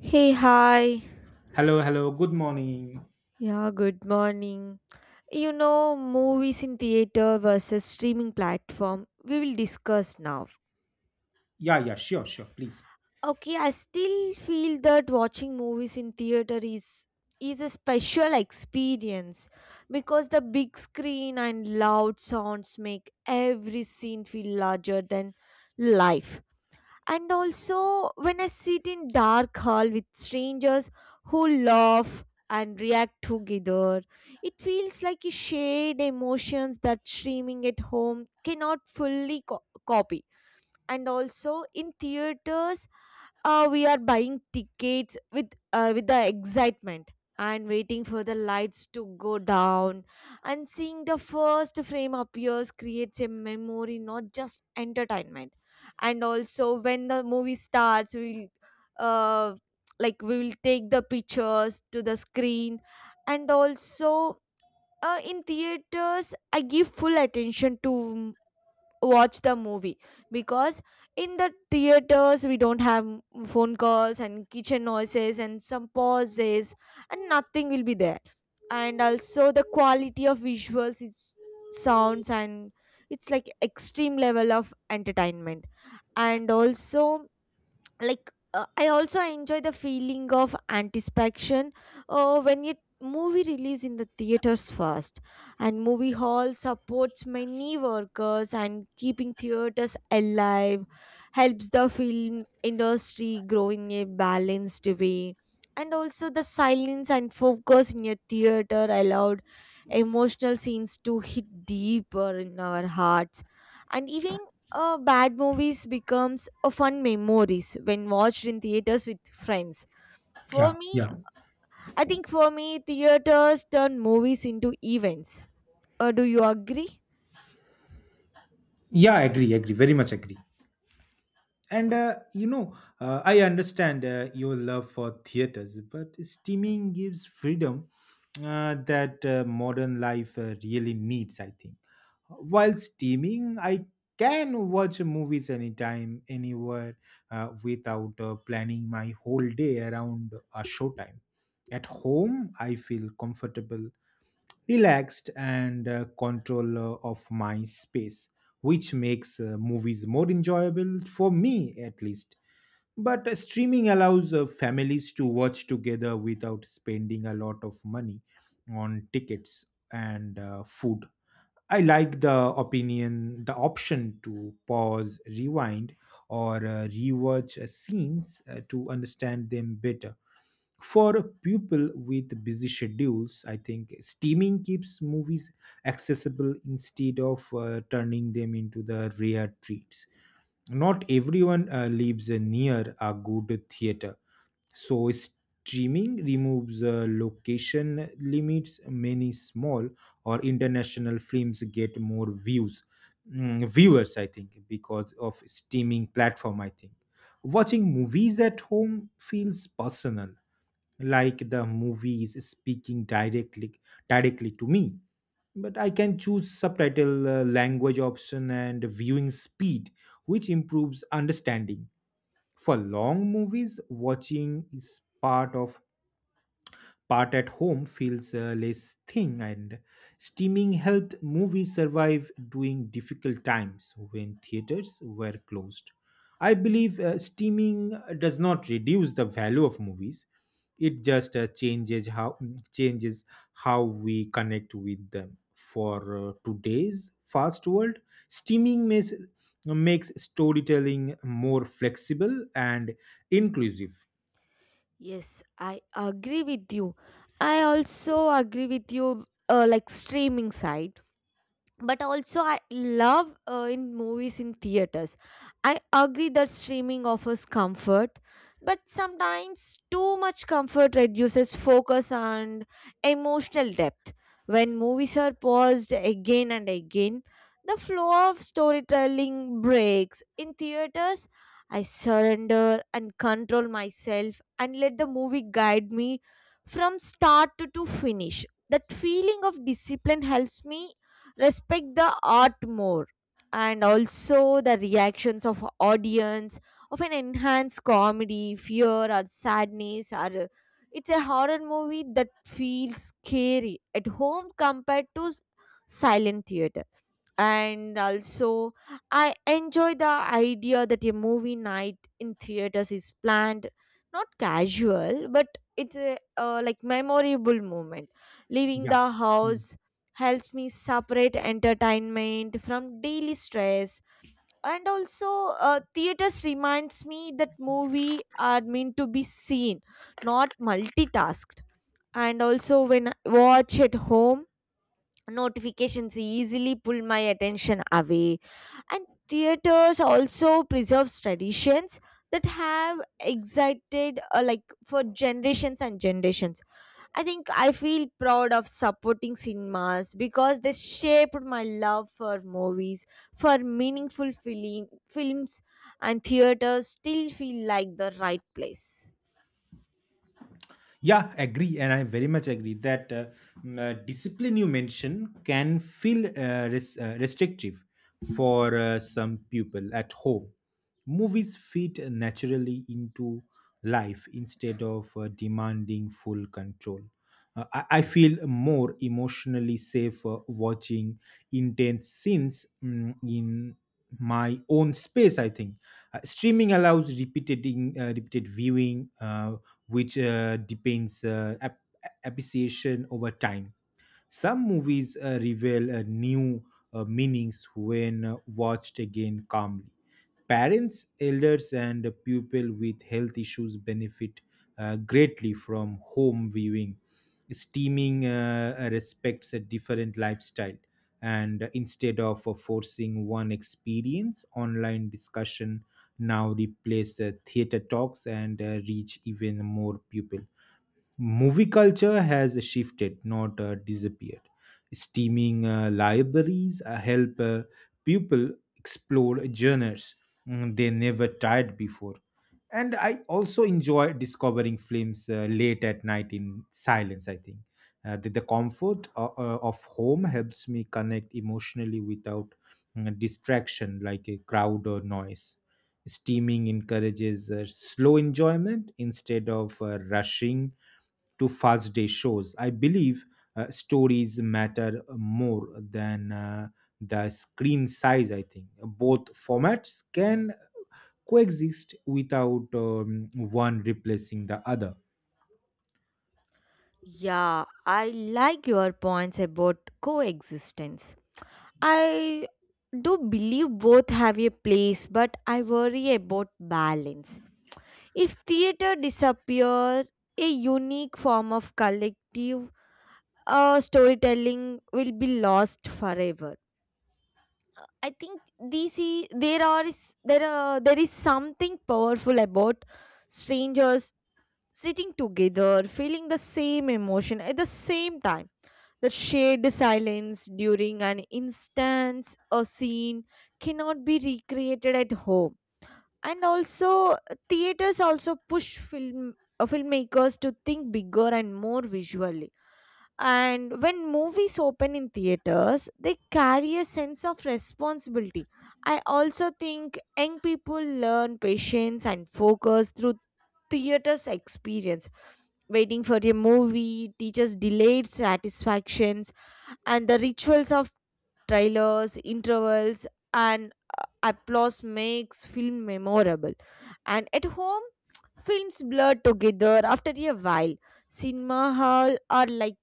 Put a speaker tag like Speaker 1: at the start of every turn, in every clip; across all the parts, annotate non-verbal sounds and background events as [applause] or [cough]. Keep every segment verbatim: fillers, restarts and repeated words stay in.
Speaker 1: Hey, hi.
Speaker 2: Hello, hello. Good morning.
Speaker 1: Yeah, good morning. You know, movies in theater versus streaming platform, we will discuss now.
Speaker 2: Yeah, yeah, sure, sure. Please.
Speaker 1: Okay, I still feel that watching movies in theater is is a special experience because the big screen and loud sounds make every scene feel larger than life. And also, when I sit in dark hall with strangers who laugh and react together, it feels like a shared emotions that streaming at home cannot fully co- copy. And also in theaters, uh, we are buying tickets with uh, with the excitement and waiting for the lights to go down and seeing the first frame appears creates a memory, not just entertainment. And also when the movie starts we'll uh, like we will take the pictures to the screen. And also uh, in theaters I give full attention to watch the movie, because in the theaters we don't have m- phone calls and kitchen noises and some pauses and nothing will be there. And also the quality of visuals is sounds, and it's like extreme level of entertainment. And also like uh, I also enjoy the feeling of anticipation uh, when it movie release in the theaters first. And movie hall supports many workers and keeping theaters alive helps the film industry grow in a balanced way. And also the silence and focus in a theater allowed emotional scenes to hit deeper in our hearts. And even uh, bad movies becomes a fun memories when watched in theaters with friends, for
Speaker 2: Yeah,
Speaker 1: me.
Speaker 2: yeah.
Speaker 1: I think for me theaters turn movies into events. Uh, do you agree?
Speaker 2: Yeah, agree, agree. Very much agree. And, uh, you know, uh, I understand uh, your love for theaters, but streaming gives freedom uh, that uh, modern life uh, really needs, I think. While streaming, I can watch movies anytime, anywhere, uh, without uh, planning my whole day around a showtime. At home, I feel comfortable, relaxed and uh, control uh, of my space, which makes uh, movies more enjoyable for me at least. But uh, streaming allows uh, families to watch together without spending a lot of money on tickets and uh, food. I like the opinion, the option to pause, rewind, or uh, rewatch uh, scenes uh, to understand them better. For people with busy schedules, I think steaming keeps movies accessible instead of uh, turning them into the rare treats. Not everyone uh, lives uh, near a good theater, so streaming removes uh, location limits. Many small or international films get more views, mm, viewers, I think, because of streaming platform. I think watching movies at home feels personal, like the movie is speaking directly directly to me. But I can choose subtitle uh, language option and viewing speed, which improves understanding. For long movies, watching is part of part at home feels uh, less thin, and steaming helped movies survive during difficult times when theaters were closed. I believe uh, steaming uh, does not reduce the value of movies. It just uh, changes how changes how we connect with them for uh, today's fast world. Steaming makes makes storytelling more flexible and inclusive.
Speaker 1: Yes, I agree with you. I also agree with you, uh, like streaming side. But also I love uh, in movies in theaters. I agree that streaming offers comfort, but sometimes too much comfort reduces focus and emotional depth. When movies are paused again and again, the flow of storytelling breaks. In theaters I surrender and control myself and let the movie guide me from start to, to finish. That feeling of discipline helps me respect the art more. And also the reactions of audience often enhanced comedy, fear or sadness, or uh, it's a horror movie that feels scary at home compared to s- silent theater. And also I enjoy the idea that a movie night in theaters is planned, not casual, but it's a uh, like memorable moment. Leaving
Speaker 2: Yeah.
Speaker 1: the
Speaker 2: Hmm.
Speaker 1: house helps me separate entertainment from daily stress. And also uh, theaters reminds me that movie are meant to be seen, not multitasked. And also when I watch at home, notifications easily pull my attention away. And theaters also preserves traditions that have excited uh, like for generations and generations. I think I feel proud of supporting cinemas because they shaped my love for movies. For meaningful film, films, and theaters still feel like the right place.
Speaker 2: Yeah, agree, and I very much agree that uh, mm, uh, discipline you mention can feel uh, res- uh, restrictive for uh, some people at home. Movies fit naturally into life instead of uh, demanding full control. Uh, I-, I feel more emotionally safe uh, watching intense scenes mm, in my own space. I think uh, streaming allows repeated uh, repeated viewing, Uh, which uh, depends uh, ap- appreciation over time. Some movies uh, reveal uh, new uh, meanings when uh, watched again calmly. Parents, elders, and people with health issues benefit uh, greatly from home viewing. Steaming uh, respects a different lifestyle, and instead of uh, forcing one experience, online discussion now replace uh, theater talks and uh, reach even more people. Movie culture has shifted, not uh, disappeared. Steaming uh, libraries uh, help uh, people explore genres mm, they never tried before. And I also enjoy discovering films uh, late at night in silence, I think. Uh, the, the comfort uh, uh, of home helps me connect emotionally without mm, distraction like a crowd or noise. Steaming encourages uh, slow enjoyment instead of uh, rushing to first day shows. I believe uh, stories matter more than uh, the screen size. I think both formats can coexist without um, one replacing the other.
Speaker 1: Yeah, I like your points about coexistence. I do believe both have a place, but I worry about balance. If theater disappears, a unique form of collective uh, storytelling will be lost forever. Uh, I think D C there are is- there are, there is something powerful about strangers sitting together, feeling the same emotion at the same time. The shared silence during an instance or scene cannot be recreated at home. And also uh, theaters also push film uh, filmmakers to think bigger and more visually. And when movies open in theaters they carry a sense of responsibility. I also think young people learn patience and focus through theaters experience. Waiting for a movie teaches delayed satisfactions, and the rituals of trailers, intervals, and applause makes film memorable. And at home, films blur together after a while. Cinema hall are like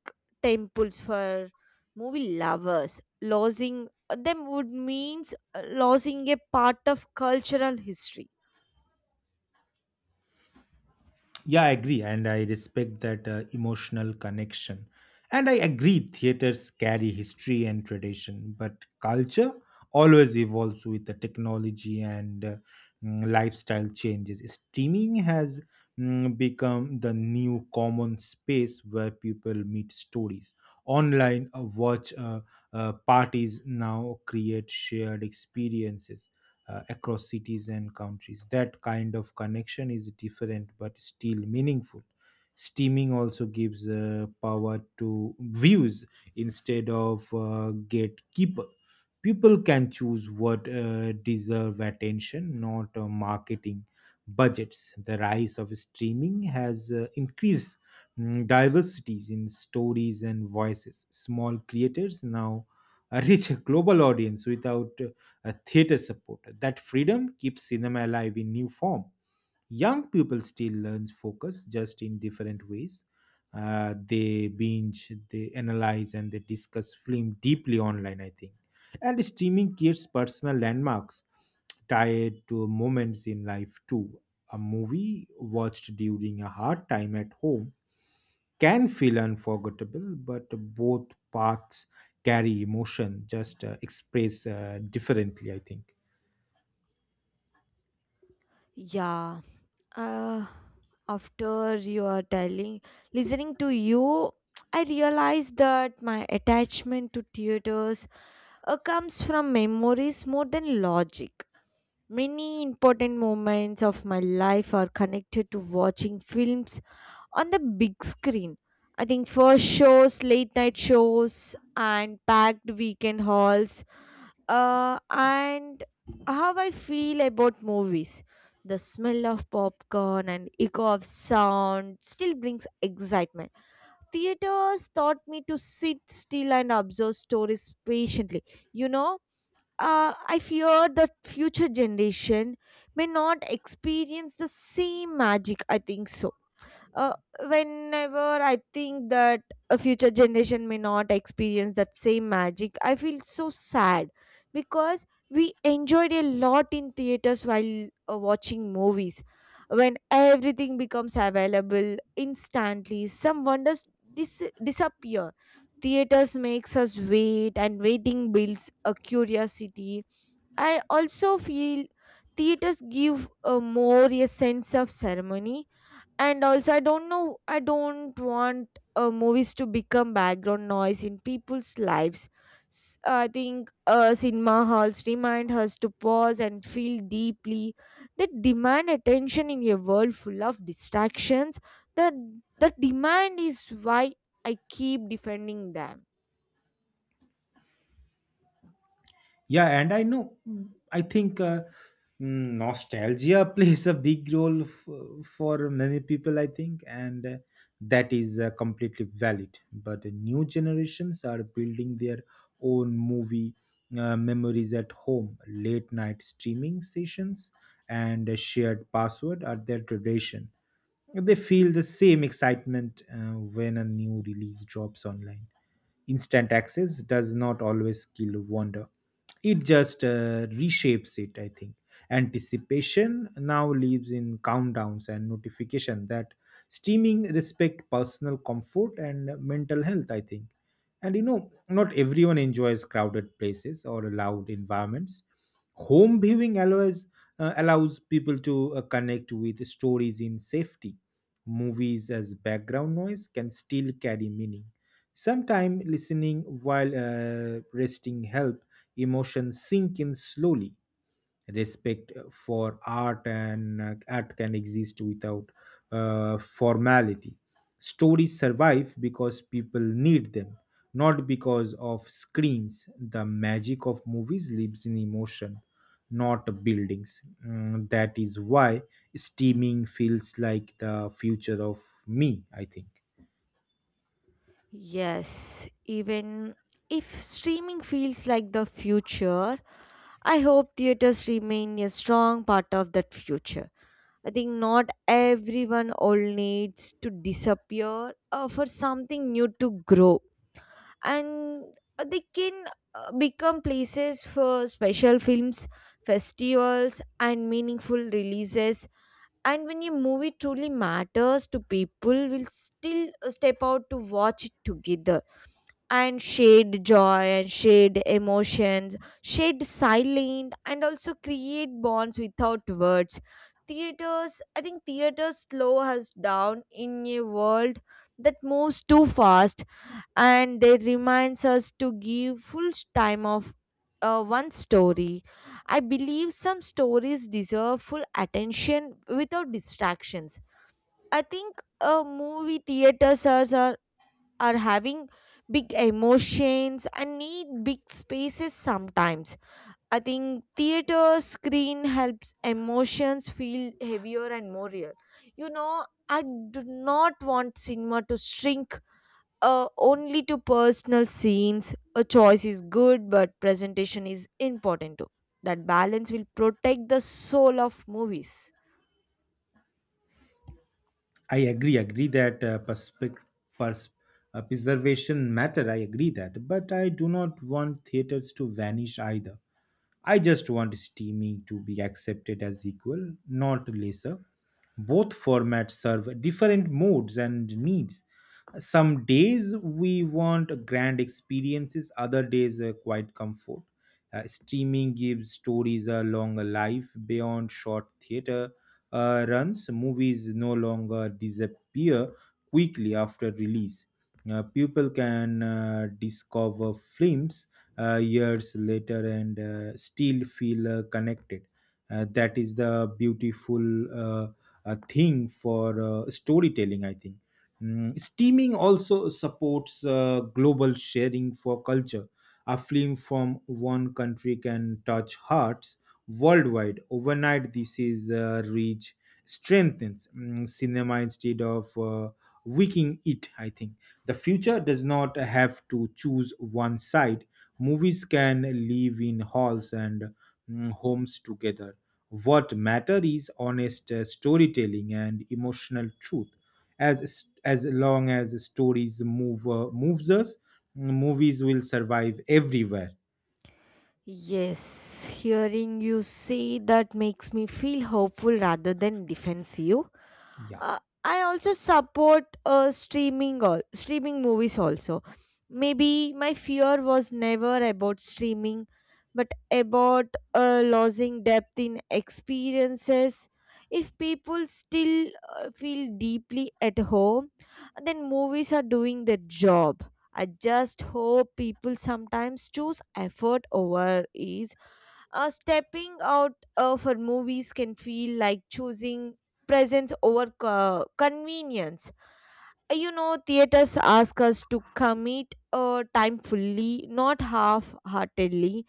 Speaker 1: temples for movie lovers. Losing them would means uh, losing a part of cultural history.
Speaker 2: Yeah, I agree, and I respect that uh, emotional connection. And I agree, theaters carry history and tradition, but culture always evolves with the technology and uh, mm, lifestyle changes. Streaming has mm, become the new common space where people meet stories. Online uh, watch uh, uh, parties now create shared experiences uh, across cities and countries. That kind of connection is different but still meaningful. Streaming also gives uh, power to views instead of uh, gatekeeper. People can choose what uh, deserve attention, not uh, marketing budgets. The rise of streaming has uh, increased mm, diversities in stories and voices. Small creators now [laughs] uh, reach a global audience without uh, a theater supporter. That freedom keeps cinema alive in new form. Young people still learn focus, just in different ways. Uh, they binge, they analyze, and they discuss film deeply online, I think, and streaming creates personal landmarks tied to moments in life too. A movie watched during a hard time at home can feel unforgettable, but both paths carry emotion, just uh, express uh, differently, I think.
Speaker 1: Yeah. uh, after you are telling listening to you, I realized that my attachment to theaters uh, comes from memories more than logic. Many important moments of my life are connected to watching films on the big screen. I think first shows, late night shows, and packed weekend halls, uh, and how I feel about movies. The smell of popcorn and echo of sound still brings excitement. Theaters taught me to sit still and observe stories patiently. You know, uh, I fear that future generation may not experience the same magic. I think so. Uh, whenever I think that a future generation may not experience that same magic, I feel so sad because we enjoyed a lot in theaters while uh, watching movies. When everything becomes available instantly, some wonders dis- disappear. Theaters makes us wait, and waiting builds a curiosity. I also feel theaters give a more a sense of ceremony. And also I don't know, I don't want uh, movies to become background noise in people's lives. S- I think uh, cinema halls remind us to pause and feel deeply. They demand attention in a world full of distractions. That the demand is why I keep defending them.
Speaker 2: Yeah, and I know, mm, I think uh, mm, nostalgia [laughs] plays a big role f- for many people, I think, and uh, that is uh, completely valid. But the new generations are building their own movie uh, memories at home. Late night streaming sessions and a shared password are their tradition. They feel the same excitement uh, when a new release drops online. Instant access does not always kill wonder. It just uh, reshapes it, I think. Anticipation now lives in countdowns and notification that streaming respect personal comfort and mental health, I think. And you know not everyone enjoys crowded places or loud environments. Home viewing allows uh, allows people to uh, connect with stories in safety. Movies as background noise can still carry meaning. Sometimes listening while uh, resting help emotions sink in slowly. Respect for art and uh, art can exist without uh, formality. Stories survive because people need them, not because of screens. The magic of movies lives in emotion, not buildings. Mm, that is why streaming feels like the future of me, I think.
Speaker 1: Yes, even if streaming feels like the future, I hope theaters remain a strong part of that future. I think not everyone all needs to disappear uh, for something new to grow. And uh, they can uh, become places for special films, festivals, and meaningful releases. And when your movie truly matters to people, will still uh, step out to watch it together. And shared joy and shared emotions, shared silent, and also create bonds without words. Theaters, I think theaters slow us down in a world that moves too fast, and they reminds us to give full time of uh, one story. I believe some stories deserve full attention without distractions. I think uh, movie theaters are, are are having big emotions and need big spaces sometimes. I think theater screen helps emotions feel heavier and more real. You know, I do not want cinema to shrink uh, only to personal scenes. A choice is good, but presentation is important too. That balance will protect the soul of movies.
Speaker 2: I agree, agree that uh, perspec- pers- uh, preservation matter. I agree that, but I do not want theaters to vanish either. I just want streaming to be accepted as equal, not lesser. Both formats serve different modes and needs. Some days we want grand experiences, other days uh, quite comfort. Uh, streaming gives stories a longer life beyond short theater uh, runs. Movies no longer disappear quickly after release. Uh, people can uh, discover films uh, years later and uh, still feel uh, connected. Uh, that is the beautiful uh, uh, thing for uh, storytelling, I think. Mm, streaming also supports uh, global sharing for culture. A film from one country can touch hearts worldwide. Overnight, this is uh, reach strengthens mm, cinema instead of uh, weakening it, I think. The future does not have to choose one side. Movies can live in halls and mm, homes together. What matter is honest uh, storytelling and emotional truth. As as long as stories move uh, moves us, movies will survive everywhere.
Speaker 1: Yes, hearing you say that makes me feel hopeful rather than defensive.
Speaker 2: Yeah.
Speaker 1: Uh, I also support uh, streaming or streaming movies also. Maybe my fear was never about streaming, but about uh, losing depth in experiences. If people still uh, feel deeply at home, then movies are doing their job. I just hope people sometimes choose effort over ease. Uh, stepping out uh, for movies can feel like choosing presence over co- convenience. Uh, You know, theaters ask us to commit uh, time fully, not half heartedly.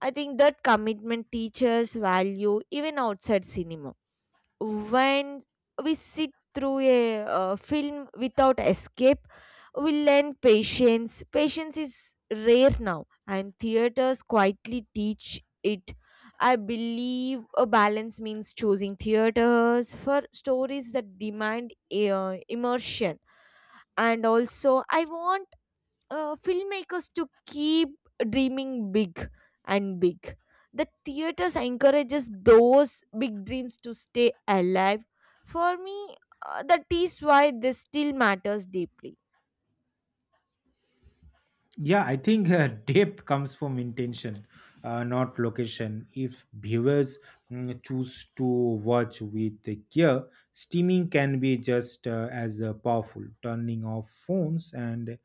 Speaker 1: I think that commitment teaches value even outside cinema. When we sit through a uh, film without escape, we learn patience patience is rare now, and theaters quietly teach it. I believe a balance means choosing theaters for stories that demand uh, immersion. And also I want uh, filmmakers to keep dreaming big and big. The theaters encourages those big dreams to stay alive. For me, uh, that is why this still matters deeply.
Speaker 2: Yeah, I think uh, [laughs] depth comes from intention, uh, not location. If viewers mm, choose to watch with the care, streaming can be just uh, as uh, powerful. Turning off phones and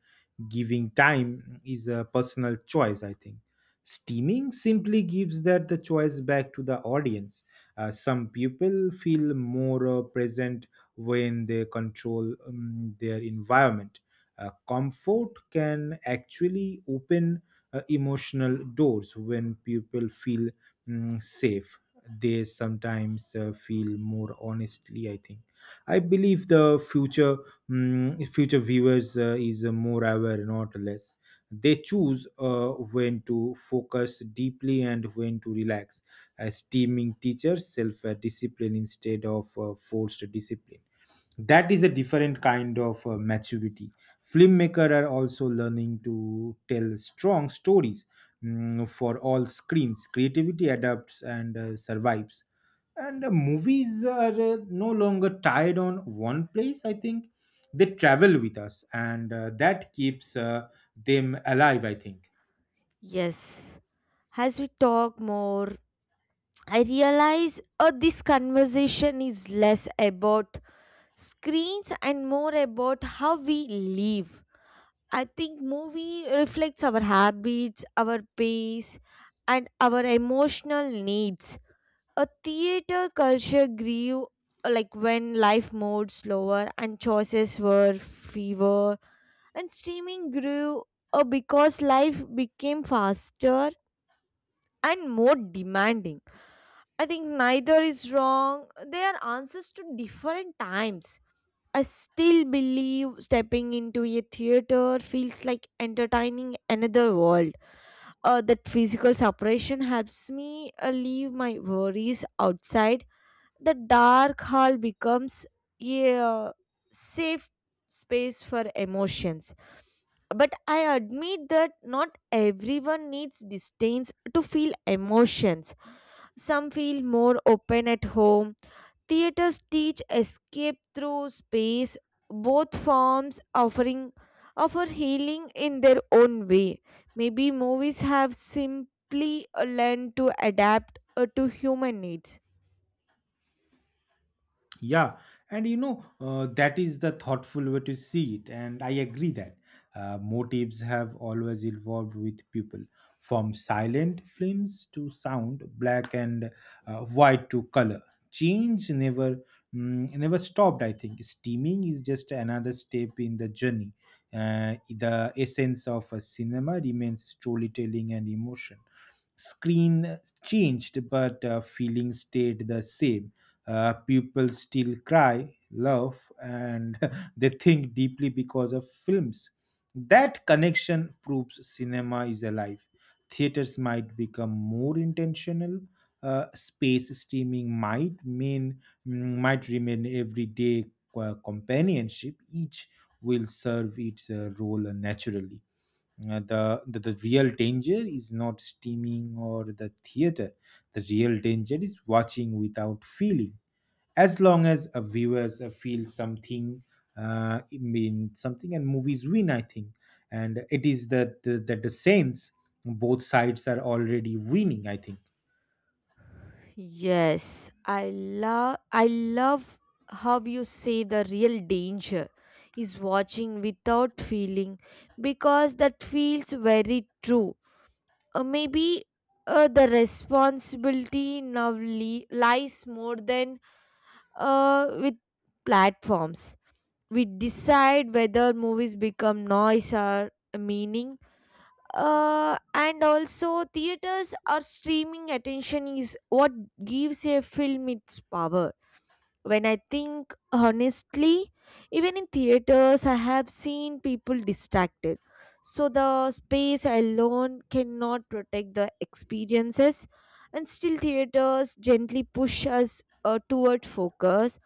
Speaker 2: giving time is a personal choice, I think. Streaming simply gives that the choice back to the audience. Uh, some people feel more uh, present when they control um, their environment. Uh, comfort can actually open uh, emotional doors when people feel mm, safe. They sometimes uh, feel more honestly, I think. I believe the future mm, future viewers uh, is uh, more aware, not less. They choose uh, when to focus deeply and when to relax. As teaming teachers, self uh, discipline instead of uh, forced discipline, that is a different kind of uh, maturity. Filmmaker are also learning to tell strong stories mm, for all screens. Creativity adapts and uh, survives, and uh, movies are uh, no longer tied on one place, I think. They travel with us, and uh, that keeps uh, them alive, I think.
Speaker 1: Yes, as we talk more, I realize uh, this conversation is less about screens and more about how we live. I think movie reflects our habits, our pace, and our emotional needs. A theater culture grew uh, like when life moved slower and choices were fewer, and streaming grew uh, because life became faster and more demanding. I think neither is wrong. They are answers to different times. I still believe stepping into a theater feels like entertaining another world. Uh, that physical separation helps me uh, leave my worries outside. The dark hall becomes a uh, safe space for emotions. But I admit that not everyone needs distance to feel emotions. Some feel more open at home. Theaters teach escape through space, both forms offering offer healing in their own way. Maybe movies have simply uh, learned to adapt uh, to human needs.
Speaker 2: Yeah, and you know, uh, that is the thoughtful way to see it, and I agree that uh, motives have always evolved with people, from silent films to sound, black and uh, white to color. Change never mm, never stopped, I think. Steaming is just another step in the journey. Uh, the essence of a cinema remains storytelling and emotion. Screen changed, but uh, feeling stayed the same. Uh, people still cry, laugh, and [laughs] they think deeply because of films. That connection proves cinema is alive. Theaters might become more intentional. Uh, space streaming might mean mm, might remain everyday co- companionship. Each will serve its uh, role naturally. Uh, the, the the real danger is not steaming or the theater. The real danger is watching without feeling. As long as a viewers uh, feel something, uh, it mean something and movies win, I think. And it is that the, that the sense both sides are already winning, I think.
Speaker 1: Yes, I love I love how you say the real danger is watching without feeling, because that feels very true. Uh, maybe uh, the responsibility now li- lies more than uh, with platforms. We decide whether movies become noise or meaning. Uh, and also theaters or streaming, attention is what gives a film its power. When I think honestly, even in theaters I have seen people distracted, so the space alone cannot protect the experiences. And still theaters gently push us uh, toward focus.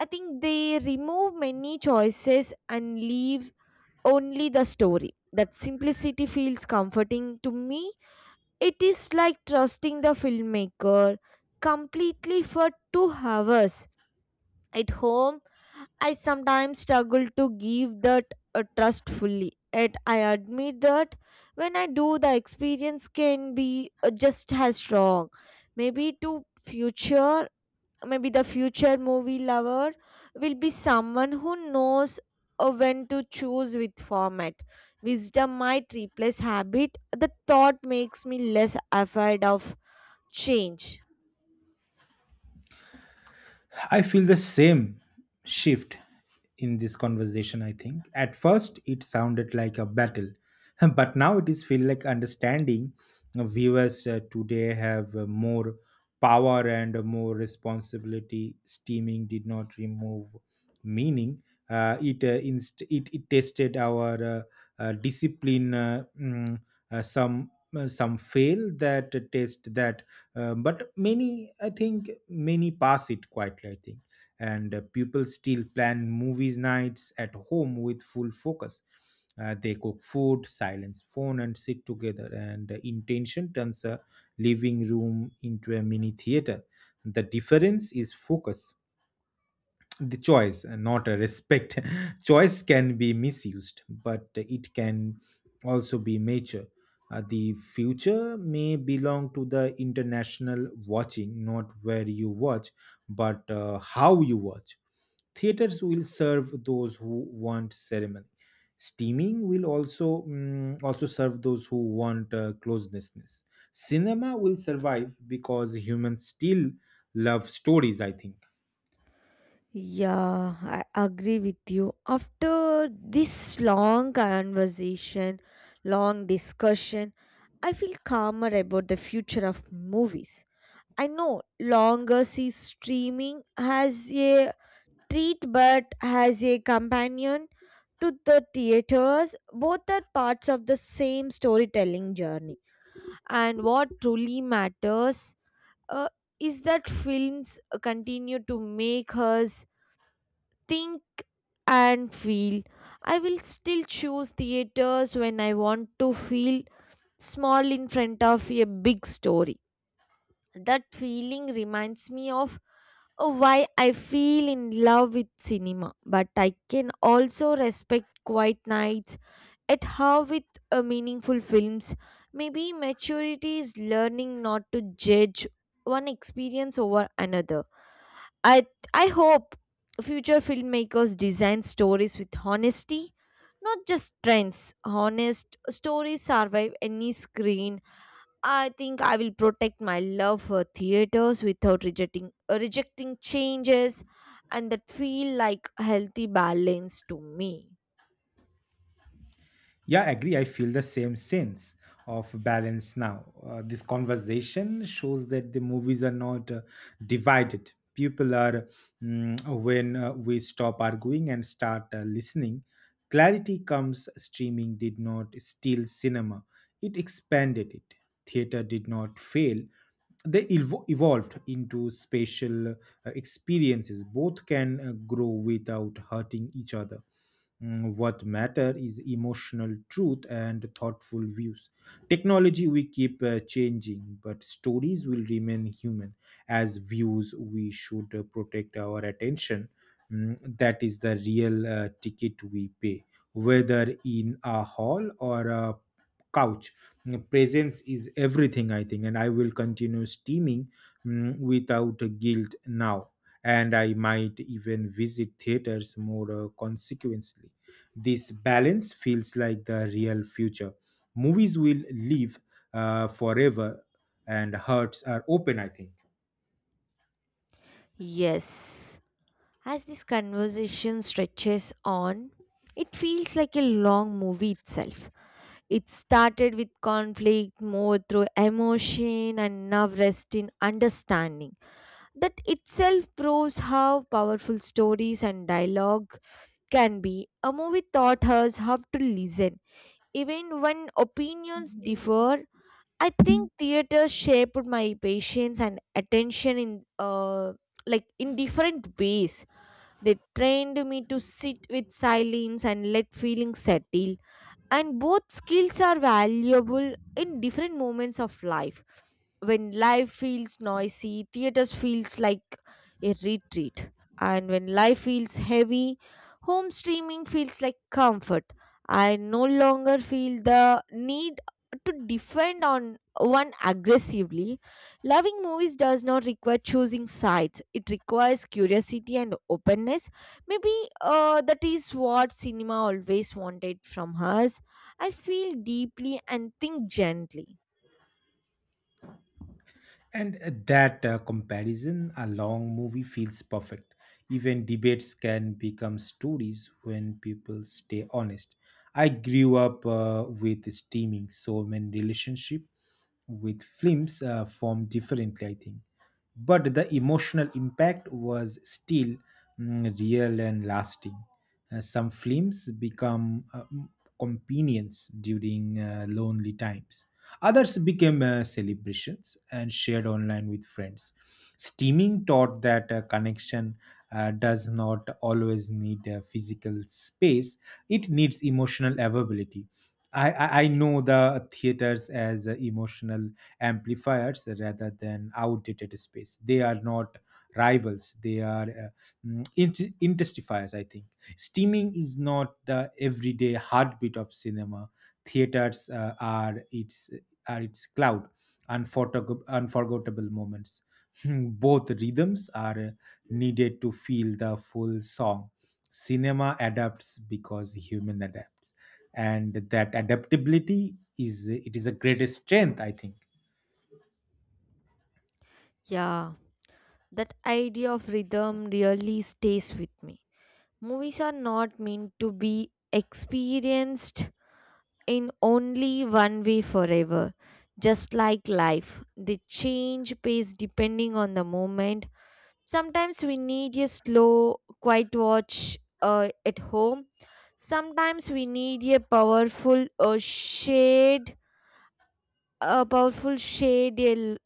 Speaker 1: I think they remove many choices and leave only the story. That simplicity feels comforting to me. It is like trusting the filmmaker completely for two hours. At home, I sometimes struggle to give that uh, trust fully. Yet I admit that when I do, the experience can be uh, just as strong. Maybe to future maybe the future movie lover will be someone who knows uh, when to choose with format. Wisdom might replace habit. The thought makes me less afraid of change.
Speaker 2: I feel the same shift in this conversation, I think. At first, it sounded like a battle, [laughs] but now it is feel like understanding. Uh, viewers uh, today have uh, more power and more responsibility. Steaming did not remove meaning. Uh, it, uh, inst- it it tested our uh, uh, discipline. Uh, mm, uh, some uh, some fail that test that uh, but many, I think, many pass it quietly, I think. And uh, people still plan movies nights at home with full focus. Uh, they cook food, silence phone, and sit together. And uh, intention turns a living room into a mini theater. The difference is focus, the choice, and not a respect. [laughs] Choice can be misused, but it can also be mature. Uh, the future may belong to the international watching, not where you watch, but uh, how you watch. Theaters will serve those who want ceremony. Steaming will also mm, also serve those who want uh, closeness. Cinema will survive because humans still love stories, I think.
Speaker 1: Yeah, I agree with you. After this long conversation, long discussion, I feel calmer about the future of movies. I know longer sees streaming has a treat but has a companion to the theaters, both are parts of the same storytelling journey. And what truly matters uh, is that films continue to make us think and feel. I will still choose theaters when I want to feel small in front of a big story. That feeling reminds me of uh, why I feel in love with cinema, but I can also respect quiet nights at how with uh, meaningful films. Maybe maturity is learning not to judge one experience over another. I I hope future filmmakers design stories with honesty, not just trends. Honest stories survive any screen, I think. I will protect my love for theaters without rejecting uh, rejecting changes, and that feel like a healthy balance to me.
Speaker 2: Yeah, I agree. I feel the same sense of balance now. Uh, this conversation shows that the movies are not uh, divided. People are, mm, when uh, we stop arguing and start uh, listening, clarity comes. Streaming did not steal cinema, it expanded it. Theater did not fail. They evo- evolved into spatial uh, experiences. Both can uh, grow without hurting each other. Mm, What matter is emotional truth and thoughtful views. Technology we keep uh, changing, but stories will remain human. As views, we should uh, protect our attention. Mm, that is the real uh, ticket we pay, whether in a hall or a couch. Mm, Presence is everything, I think, and I will continue steaming mm, without guilt now, and I might even visit theaters more uh, consequently. This balance feels like the real future. Movies will live uh, forever, and hearts are open, I think.
Speaker 1: Yes. As this conversation stretches on, it feels like a long movie itself. It started with conflict, more through emotion, and now rests in understanding. That itself proves how powerful stories and dialogue can be. A movie taught us how to listen, even when opinions differ. I think theater shaped my patience and attention in uh, like in different ways. They trained me to sit with silence and let feelings settle, and both skills are valuable in different moments of life. When life feels noisy, theaters feels like a retreat, and when life feels heavy, home streaming feels like comfort. I no longer feel the need to defend on one aggressively. Loving movies does not require choosing sides, it requires curiosity and openness. Maybe uh, that is what cinema always wanted from us. I feel deeply and think gently.
Speaker 2: And uh, that uh, comparison, a long movie, feels perfect. Even debates can become stories when people stay honest. I grew up uh, with steaming, so my relationship with films uh, formed differently, I think. But the emotional impact was still mm, real and lasting. Uh, some films become uh, mm, companions during uh, lonely times. Others became uh, celebrations and shared online with friends. Steaming taught that uh, connection uh, does not always need a physical space, it needs emotional availability. I, I I know the theaters as uh, emotional amplifiers rather than outdated space. They are not rivals, they are uh, mm, int- intensifiers, I think. Steaming is not the everyday heartbeat of cinema, theaters uh, are its are its cloud, unfortog- unforgettable moments. [laughs] Both rhythms are needed to feel the full song. Cinema adapts because human adapts, and that adaptability is it is a greatest strength, I think.
Speaker 1: Yeah, that idea of rhythm really stays with me. Movies are not meant to be experienced in only one way forever. Just like life, they change pace depending on the moment. Sometimes we need a slow, quiet watch uh, at home. Sometimes we need a powerful uh, shade, a powerful shade el-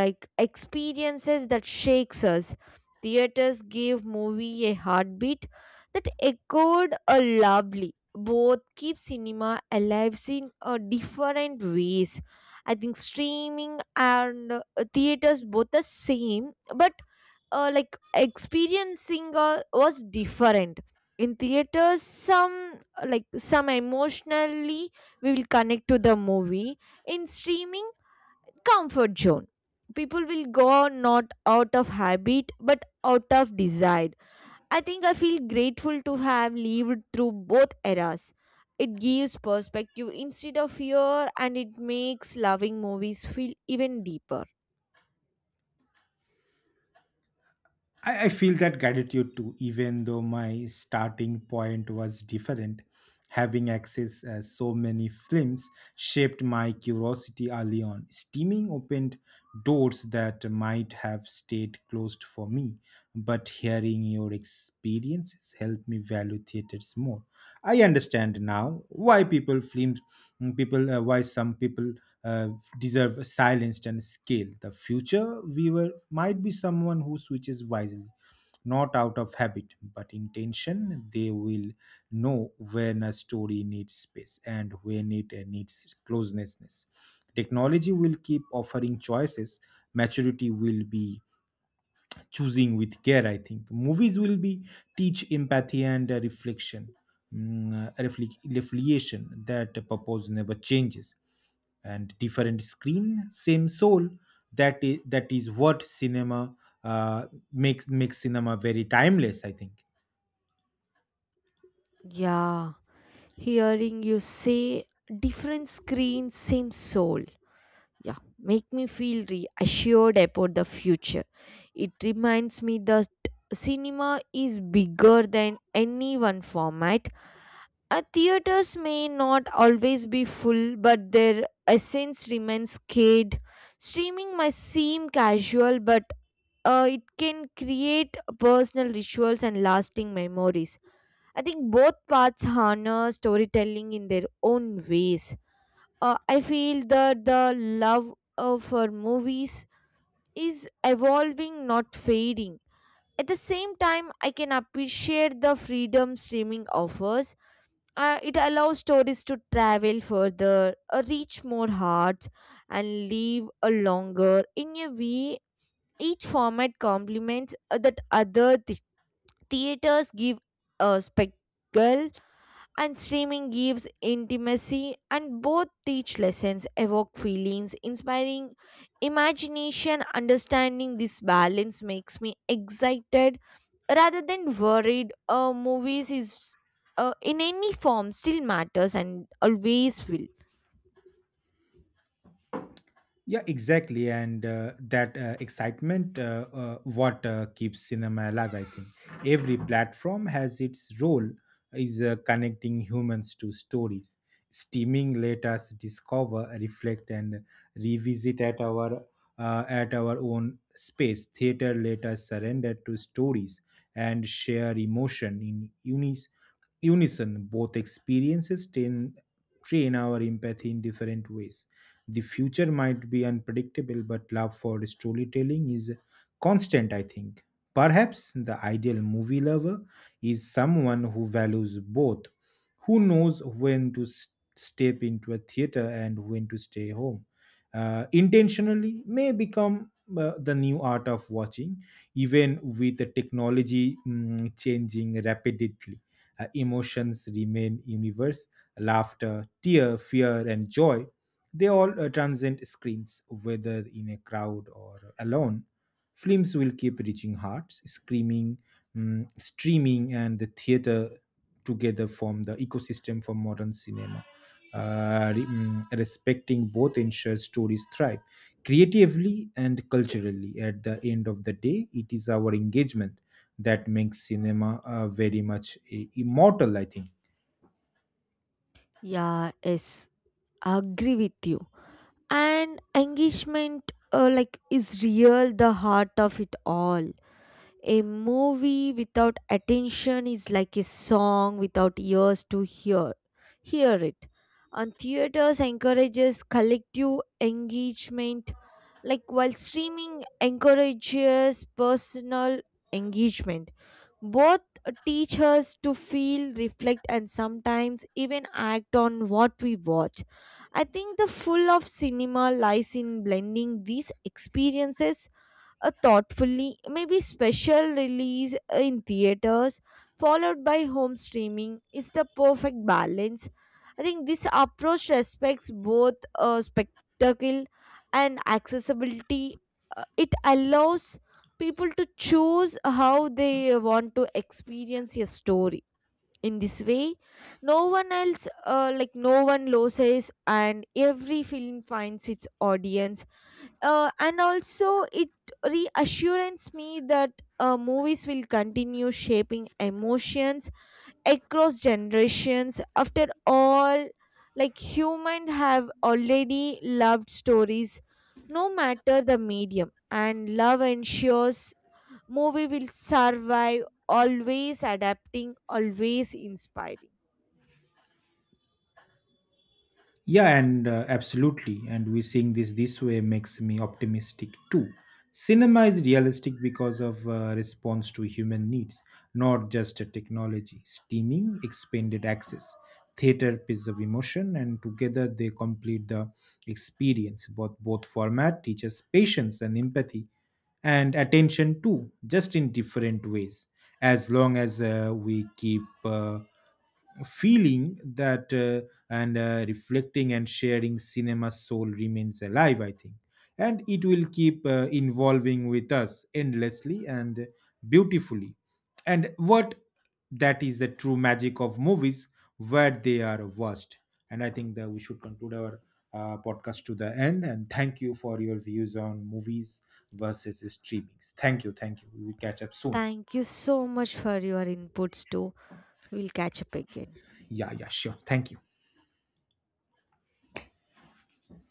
Speaker 1: like experiences that shakes us. Theaters gave movie a heartbeat that echoed a lovely, both keep cinema alive in uh, different ways. I think streaming and uh, theaters both the same, but uh, like experiencing uh, was different. In theaters, some uh, like some emotionally, we will connect to the movie. In streaming, comfort zone, people will go not out of habit but out of desire. I think I feel grateful to have lived through both eras. It gives perspective instead of fear, and it makes loving movies feel even deeper.
Speaker 2: I, I feel that gratitude too, even though my starting point was different. Having access uh, so many films shaped my curiosity early on. Steaming opened doors that might have stayed closed for me, but hearing your experiences helped me value theaters more. I understand now why people films people uh, why some people uh, deserve silenced and scaled. The future viewer might be someone who switches wisely, not out of habit, but intention. They will know when a story needs space and when it uh, needs closeness. Technology will keep offering choices. Maturity will be choosing with care, I think. Movies will be teach empathy and uh, reflection, mm, uh, refle- reflection. That purpose never changes, and different screen, same soul. That is that is what cinema uh, makes makes cinema very timeless, I think.
Speaker 1: Yeah. Hearing you say different screen, same soul. Yeah, make me feel reassured about the future. It reminds me that cinema is bigger than any one format. Uh, theaters may not always be full, but their essence remains scared. Streaming might seem casual, but uh, it can create personal rituals and lasting memories. I think both parts harness storytelling in their own ways. Uh, I feel that the love uh, for movies is evolving, not fading. At the same time, I can appreciate the freedom streaming offers. Uh, it allows stories to travel further, uh, reach more hearts, and live a longer. In a way, each format complements uh, that other th- theaters give a spectacle, and streaming gives intimacy, and both teach lessons, evoke feelings, inspiring imagination, understanding this balance makes me excited rather than worried. Uh, movies is uh, in any form still matters and always will.
Speaker 2: Yeah, exactly, and uh, that uh, excitement, uh, uh, what uh, keeps cinema alive, I think. Every platform has its role, is uh, connecting humans to stories. Steaming let us discover, reflect, and revisit at our uh, at our own space. Theater let us surrender to stories and share emotion in unis unison. Both experiences train train our empathy in different ways. The future might be unpredictable, but love for storytelling is constant, I think. Perhaps the ideal movie lover is someone who values both, who knows when to s- step into a theater and when to stay home. Uh, intentionally may become uh, the new art of watching, even with the technology mm, changing rapidly. Uh, emotions remain universe: laughter, tear, fear, and joy, they all uh, transcend screens, whether in a crowd or alone. Films will keep reaching hearts, screaming, mm, streaming, and the theater together form the ecosystem for modern cinema. Uh, re- mm, respecting both ensures stories thrive creatively and culturally. At the end of the day, it is our engagement that makes cinema uh, very much uh, immortal, I think.
Speaker 1: Yeah, yes, I agree with you. And engagement, uh, like, is real the heart of it all. A movie without attention is like a song without ears to hear, hear it. And theaters encourages collective engagement, like, while streaming encourages personal engagement. Both teach us to feel, reflect, and sometimes even act on what we watch. I think the full of cinema lies in blending these experiences a thoughtfully, maybe special release uh, in theaters followed by home streaming is the perfect balance. I think this approach respects both uh, spectacle and accessibility. Uh, it allows people to choose how they want to experience a story. In this way, no one else uh, like, no one loses and every film finds its audience. Uh, and also it reassures me that uh, movies will continue shaping emotions across generations. After all, like, humans have already loved stories no matter the medium, and love ensures movie will survive, always adapting, always inspiring.
Speaker 2: Yeah, and uh, absolutely. And we seeing this this way makes me optimistic too. Cinema is realistic because of uh, response to human needs, not just a technology. Steaming, expanded access, theater piece of emotion, and together they complete the experience. Both both format teaches patience and empathy, and attention too, just in different ways. As long as uh, we keep uh, feeling that, uh, and uh, reflecting and sharing, cinema soul remains alive, I think, and it will keep uh, involving with us endlessly and beautifully. And what, that is the true magic of movies, where they are watched. And I think that we should conclude our uh, podcast to the end, and thank you for your views on movies versus streamings. Thank you, thank you, we will catch up soon.
Speaker 1: Thank you so much for your inputs too. We'll catch up again.
Speaker 2: Yeah, yeah, sure, thank you.